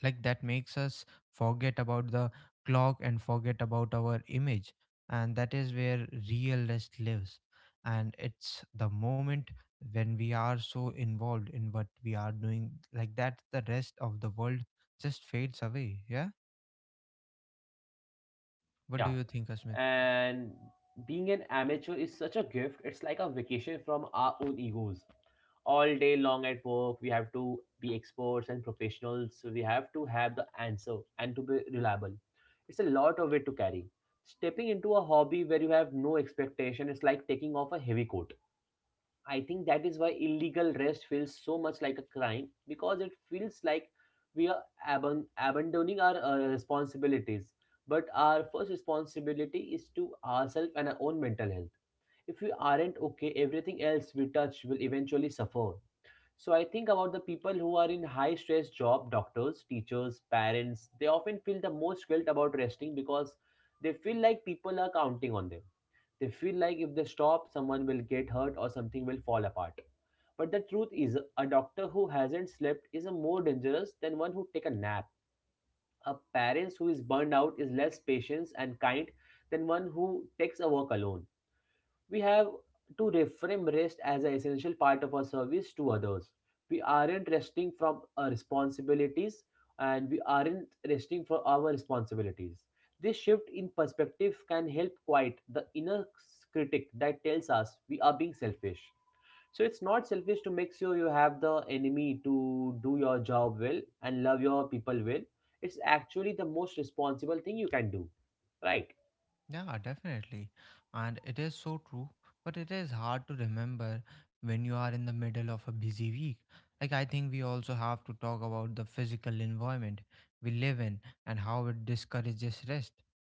that makes us forget about the clock and forget about our image. And that is where real rest lives. And it's the moment when we are so involved in what we are doing, the rest of the world just fades away. Yeah. What do
Yeah,
you think, Asmit?
and being an amateur is such a gift. It's like a vacation from our own egos. All day long at work we have to be experts and professionals, so we have to have the answer and to be reliable. It's a lot of weight to carry. Stepping into a hobby where you have no expectation is like taking off a heavy coat. I think that is why illegal rest feels so much like a crime, because it feels like we are abandoning our responsibilities. But our first responsibility is to ourselves and our own mental health. If we aren't okay, everything else we touch will eventually suffer. So I think about the people who are in high stress job, doctors, teachers, parents, they often feel the most guilt about resting because they feel like people are counting on them. They feel like if they stop, someone will get hurt or something will fall apart. But the truth is, a doctor who hasn't slept is a more dangerous than one who take a nap. A parent who is burned out is less patient and kind than one who takes a walk alone. We have to reframe rest as an essential part of our service to others. We aren't resting from our responsibilities, and we aren't resting for our responsibilities. This shift in perspective can help quiet the inner critic that tells us we are being selfish. So it's not selfish to make sure you have the enemy to do your job well and love your people well. It's actually the most responsible thing you can do, right?
Yeah, definitely. And it is so true, but it is hard to remember when you are in the middle of a busy week. Like, I think we also have to talk about the physical environment we live in and how it discourages rest.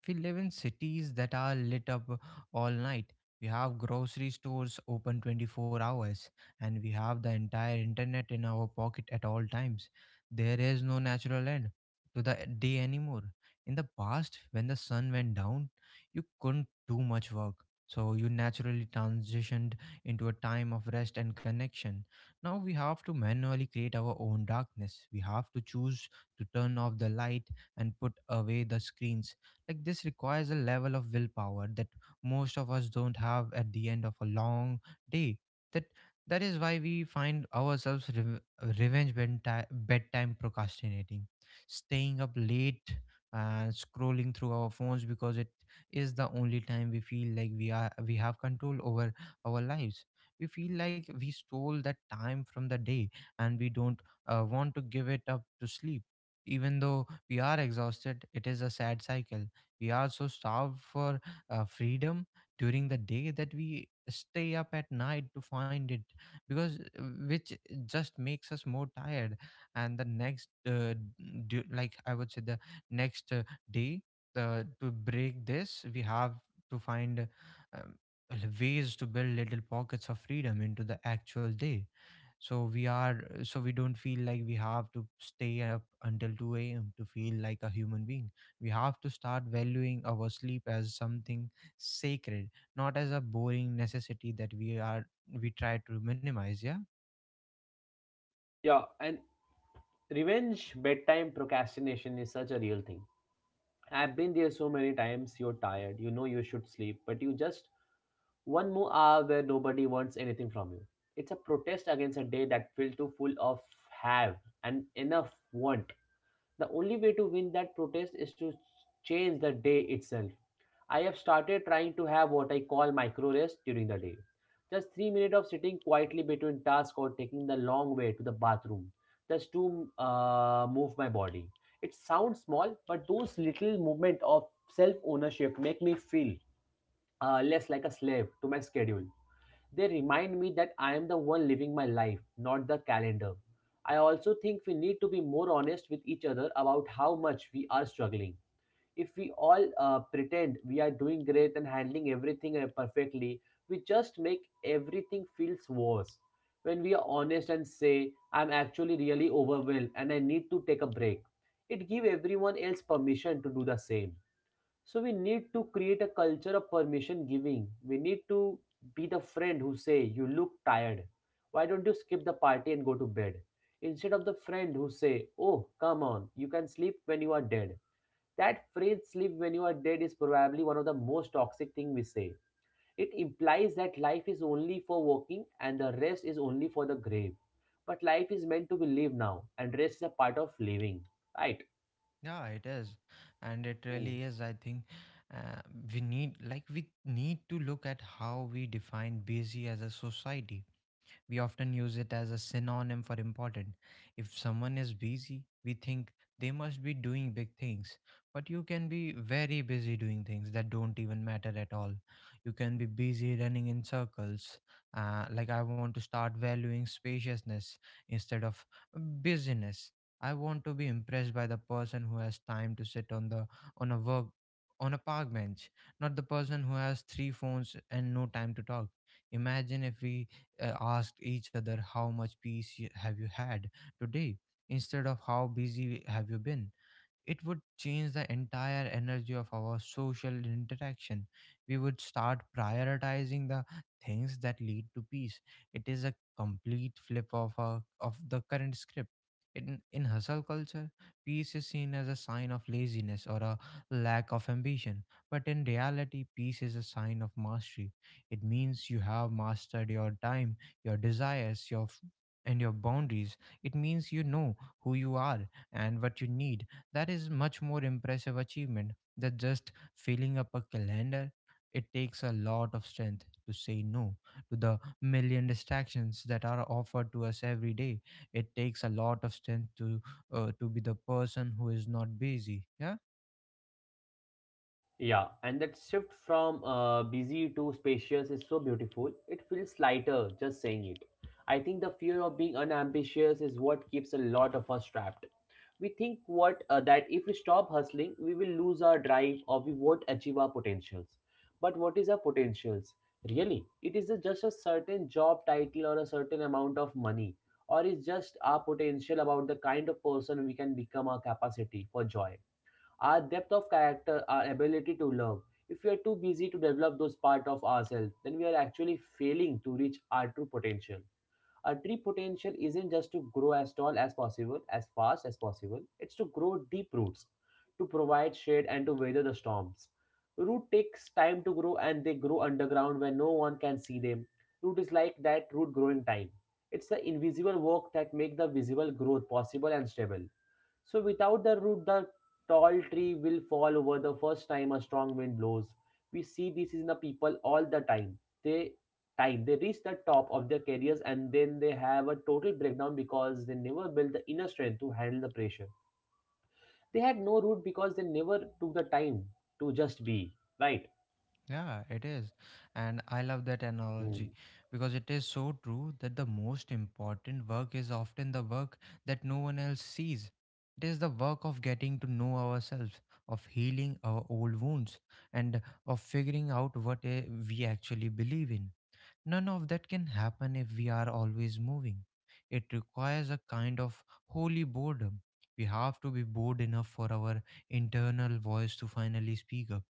We live in cities that are lit up all night. We have grocery stores open 24 hours, and we have the entire internet in our pocket at all times. There is no natural end to the day anymore. In the past, when the sun went down, you couldn't do much work, so you naturally transitioned into a time of rest and connection. Now we have to manually create our own darkness. We have to choose to turn off the light and put away the screens. Like, this requires a level of willpower that most of us don't have at the end of a long day. That that is why we find ourselves revenge bedtime procrastinating, staying up late and scrolling through our phones because it is the only time we feel like we have control over our lives. We feel like we stole that time from the day and we don't want to give it up to sleep. Even though we are exhausted, it is a sad cycle. We are so starved for freedom during the day that we stay up at night to find it, because which just makes us more tired and the next d- d- like I would say the next day To break this, we have to find um, ways to build little pockets of freedom into the actual day. So we don't feel like we have to stay up until 2 a.m. to feel like a human being. We have to start valuing our sleep as something sacred, not as a boring necessity that we try to minimize. Yeah.
Yeah, and revenge bedtime procrastination is such a real thing. I've been there so many times. You're tired, you know you should sleep, but you just one more hour where nobody wants anything from you. It's a protest against a day that filled too full of have and enough want. The only way to win that protest is to change the day itself. I have started trying to have what I call micro rest during the day. Just 3 minutes of sitting quietly between tasks or taking the long way to the bathroom just to move my body. It sounds small, but those little movements of self ownership make me feel less like a slave to my schedule. They remind me that I am the one living my life, not the calendar. I also think we need to be more honest with each other about how much we are struggling. If we all pretend we are doing great and handling everything perfectly, we just make everything feels worse. When we are honest and say, I'm actually really overwhelmed and I need to take a break, it gives everyone else permission to do the same. So we need to create a culture of permission giving. We need to be the friend who say, you look tired. Why don't you skip the party and go to bed? Instead of the friend who say, oh, come on, you can sleep when you are dead. That phrase, sleep when you are dead, is probably one of the most toxic thing we say. It implies that life is only for working and the rest is only for the grave. But life is meant to be lived now and rest is a part of living, right?
Yeah, it is, and it
Mm.
really is. I think uh, we need, like, we need to look at how we define busy as a society. We often use it as a synonym for important. If someone is busy, we think they must be doing big things. But you can be very busy doing things that don't even matter at all. You can be busy running in circles. Like, I want to start valuing spaciousness instead of busyness. I want to be impressed by the person who has time to sit on the on a work on a park bench, not the person who has 3 phones and no time to talk. Imagine if we asked each other how much peace you, have you had today instead of how busy have you been. It would change the entire energy of our social interaction. We would start prioritizing the things that lead to peace. It is a complete flip of the current script. In hustle culture, peace is seen as a sign of laziness or a lack of ambition. But in reality, peace is a sign of mastery. It means you have mastered your time, your desires, and your boundaries. It means you know who you are and what you need. That is much more impressive achievement than just filling up a calendar. It takes a lot of strength to say no to the million distractions that are offered to us every day. It takes a lot of strength to be the person who is not busy. Yeah.
Yeah, and that shift from busy to spacious is so beautiful. It feels lighter just saying it. I think the fear of being unambitious is what keeps a lot of us trapped. We think what that if we stop hustling we will lose our drive or we won't achieve our potentials. But what is our potentials really? Just a certain job title or a certain amount of money, or is just our potential about the kind of person we can become, our capacity for joy, our depth of character, our ability to love? If we are too busy to develop those part of ourselves, then we are actually failing to reach our true potential. A tree potential isn't just to grow as tall as possible, as fast as possible, it's to grow deep roots, to provide shade and to weather the storms. Root takes time to grow and they grow underground where no one can see them. Root is like that root growing time. It's the invisible work that make the visible growth possible and stable. So without the root, the tall tree will fall over the first time a strong wind blows. We see this in the people all the time. They time they reach the top of their careers and then they have a total breakdown because they never built the inner strength to handle the pressure. They had no root because they never took the time to just be, right.
Yeah, it is. And I love that
Hmm.
analogy because it is so true that the most important work is often the work that no one else sees. It is the work of getting to know ourselves, of healing our old wounds, and of figuring out what we actually believe in. None of that can happen if we are always moving. It requires a kind of holy boredom. We have to be bored enough for our internal voice to finally speak up.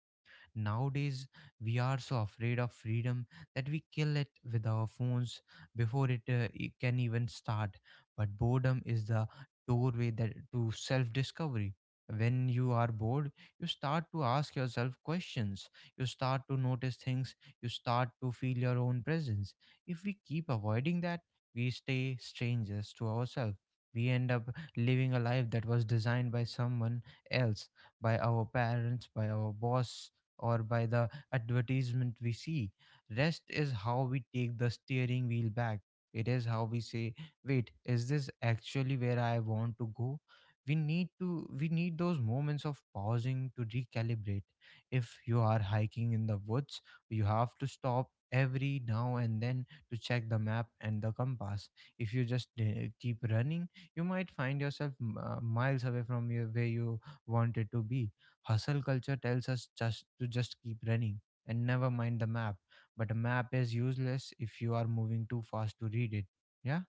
Nowadays, we are so afraid of freedom that we kill it with our phones before it can even start. But boredom is the doorway that to self-discovery. When you are bored, you start to ask yourself questions. You start to notice things. You start to feel your own presence. If we keep avoiding that, we stay strangers to ourselves. We end up living a life that was designed by someone else, by our parents, by our boss, or by the advertisement we see. Rest is how we take the steering wheel back. It is how we say, wait, is this actually where I want to go? We need those moments of pausing to recalibrate. If you are hiking in the woods, you have to stop every now and then to check the map and the compass. If you just keep running, you might find yourself miles away from where you wanted to be. Hustle culture tells us just keep running and never mind the map. But a map is useless if you are moving too fast to read it. Yeah.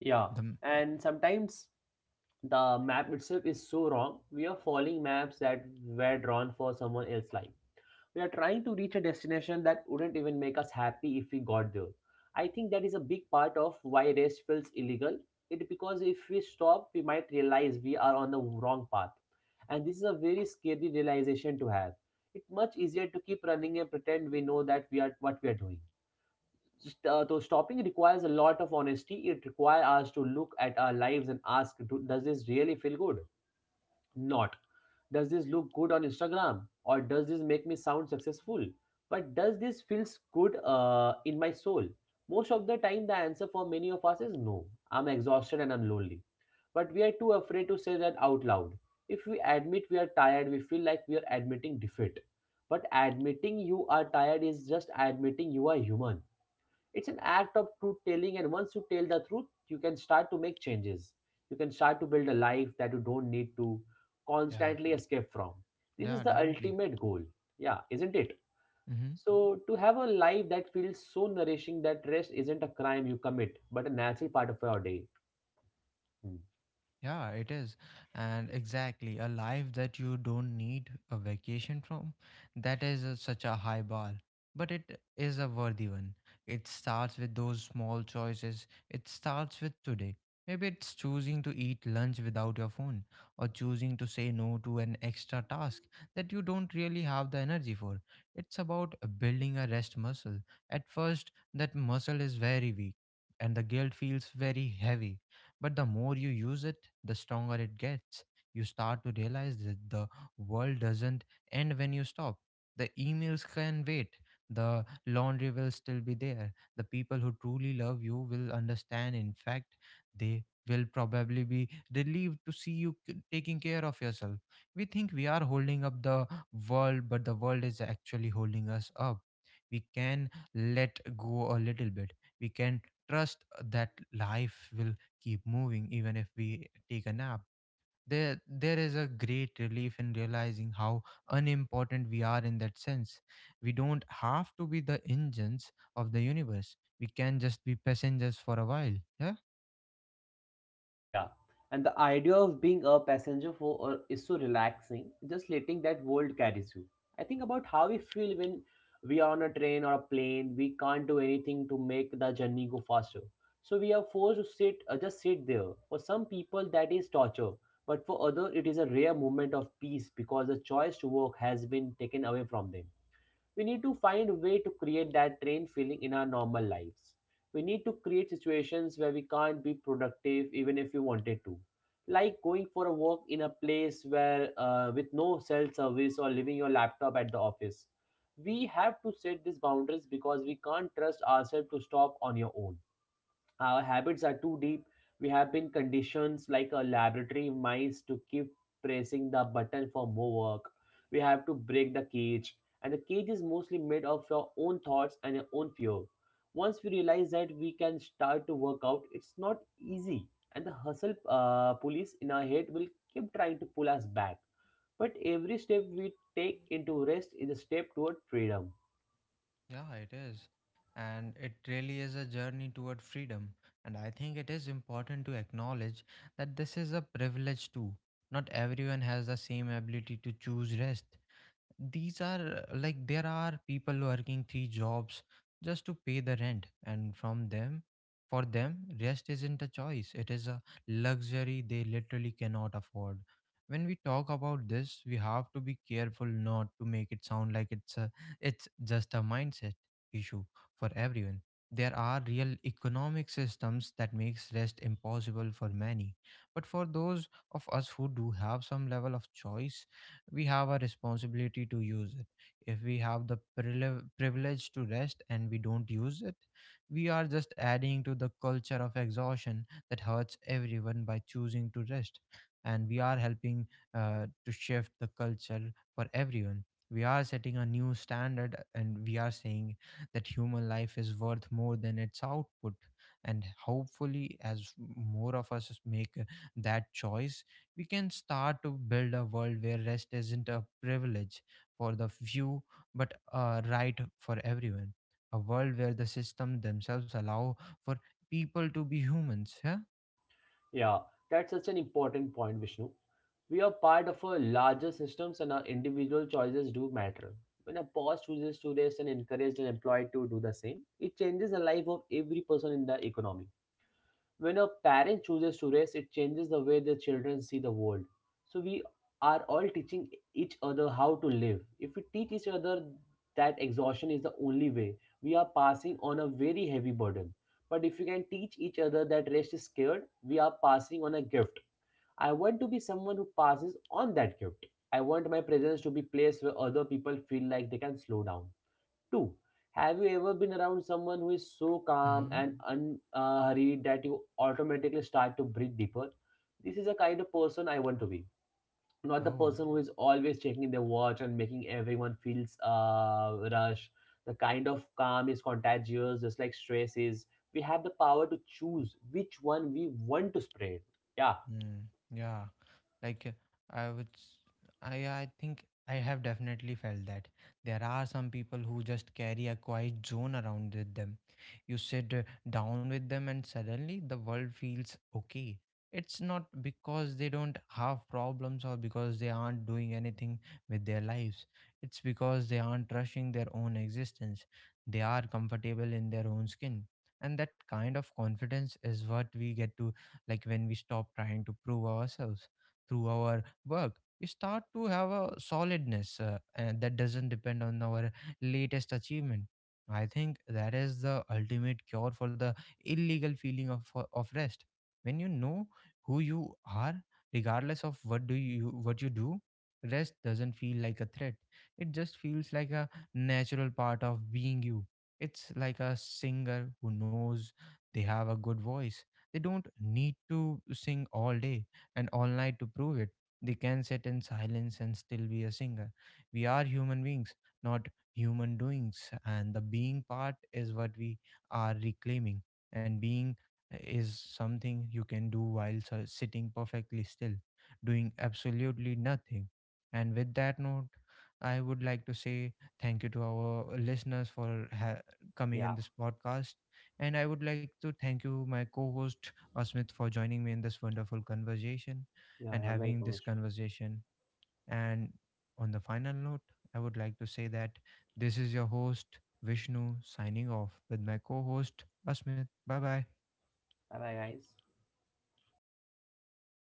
Yeah,
The m-
and sometimes the map itself is so wrong. We are following maps that were drawn for someone else's life. We are trying to reach a destination that wouldn't even make us happy if we got there. I think that is a big part of why rest feels illegal. It because if we stop, we might realize we are on the wrong path. And this is a very scary realization to have. It's much easier to keep running and pretend we know that we are what we are doing. So stopping requires a lot of honesty. It requires us to look at our lives and ask, Does this really feel good? Not does this look good on Instagram, or does this make me sound successful, but does this feels good in my soul?" Most of the time the answer for many of us is no. I'm exhausted and I'm lonely, but we are too afraid to say that out loud. If we admit we are tired, we feel like we are admitting defeat. But admitting you are tired is just admitting you are human. It's an act of truth telling, and once you tell the truth, you can start to make changes. You can start to build a life that you don't need to
yeah.
constantly escape from. This
Yeah,
is the
definitely.
ultimate goal. Yeah, isn't it?
Mm-hmm.
So, to have a life that feels so nourishing that rest isn't a crime you commit, but a natural part of your day. Hmm.
Yeah, it is. And exactly, a life that you don't need a vacation from, that is such a high bar. But it is a worthy one. It starts with those small choices. It starts with today. Maybe it's choosing to eat lunch without your phone, or choosing to say no to an extra task that you don't really have the energy for. It's about building a rest muscle. At first, that muscle is very weak, and the guilt feels very heavy, but the more you use it, the stronger it gets. You start to realize that the world doesn't end when you stop. The emails can wait. The laundry will still be there. The people who truly love you will understand. In fact, they will probably be relieved to see you taking care of yourself. We think we are holding up the world, but the world is actually holding us up. We can let go a little bit. We can trust that life will keep moving even if we take a nap. There is a great relief in realizing how unimportant we are in that sense. We don't have to be the engines of the universe. We can just be passengers for a while. Yeah,
Yeah. And the idea of being a passenger for or is so relaxing, just letting that world carries you. I think about how we feel when we are on a train or a plane, we can't do anything to make the journey go faster. So we are forced to sit just sit there. For some people that is torture, but for others it is a rare moment of peace because the choice to work has been taken away from them. We need to find a way to create that drained feeling in our normal lives. We need to create situations where we can't be productive even if we wanted to. Like going for a walk in a place where with no cell service, or leaving your laptop at the office. We have to set these boundaries because we can't trust ourselves to stop on your own. Our habits are too deep. We have been conditioned like a laboratory mice to keep pressing the button for more work. We have to break the cage, and the cage is mostly made of your own thoughts and your own fear. Once we realize that we can start to work out, it's not easy, and the hustle police in our head will keep trying to pull us back. But every step we take into rest is a step toward freedom.
yeah, it is. And it really is a journey toward freedom. And I think it is important to acknowledge that this is a privilege too. Not everyone has the same ability to choose rest. These are like, there are people working 3 jobs just to pay the rent, and from them for them rest isn't a choice, it is a luxury they literally cannot afford. When we talk about this, we have to be careful not to make it sound like it's just a mindset issue for everyone. There are real economic systems that makes rest impossible for many, but for those of us who do have some level of choice, we have a responsibility to use it. If we have the privilege to rest and we don't use it, we are just adding to the culture of exhaustion that hurts everyone. By choosing to rest, and we are helping to shift the culture for everyone. We are setting a new standard, and we are saying that human life is worth more than its output. And hopefully, as more of us make that choice, we can start to build a world where rest isn't a privilege for the few but a right for everyone, a world where the system themselves allow for people to be humans. Yeah.
Yeah, that's such an important point, Vishnu. We are part of a larger systems and our individual choices do matter. When a boss chooses to rest and encourage an employee to do the same, it changes the life of every person in the economy. When a parent chooses to race, it changes the way the children see the world. So we are all teaching each other how to live. If we teach each other that exhaustion is the only way, we are passing on a very heavy burden. But if we can teach each other that rest is scared, we are passing on a gift. I want to be someone who passes on that gift. I want my presence to be a place where other people feel like they can slow down. Two, have you ever been around someone who is so calm
Hmm.
and unhurried that you automatically start to breathe deeper? This is the kind of person I want to be. Not the
Oh.
person who is always checking their watch and making everyone feels rush. The kind of calm is contagious, just like stress is. We have the power to choose which one we want to spread. Yeah.
Mm, yeah, like I would, I think I have definitely felt that there are some people who just carry a quiet zone around with them. You sit down with them, and suddenly the world feels okay. It's not because they don't have problems or because they aren't doing anything with their lives. It's because they aren't rushing their own existence. They are comfortable in their own skin. And that kind of confidence is what we get to, like, when we stop trying to prove ourselves through our work, we start to have a solidness, and that doesn't depend on our latest achievement. I think that is the ultimate cure for the illegal feeling of rest. When you know who you are, regardless of what you do, rest doesn't feel like a threat. It just feels like a natural part of being you. It's like a singer who knows they have a good voice. They don't need to sing all day and all night to prove it. They can sit in silence and still be a singer. We are human beings, not human doings. And the being part is what we are reclaiming. And being is something you can do while sitting perfectly still, doing absolutely nothing. And with that note, I would like to say thank you to our listeners for coming
Yeah,
in this podcast. And I would like to thank you, my co host Asmit, for joining me in this wonderful conversation
yeah,
and
you're
having
welcome,
this
Vishnu.
conversation. And on the final note, I would like to say that this is your host, Vishnu, signing off with my co host, Asmit. Bye bye.
Bye bye, guys.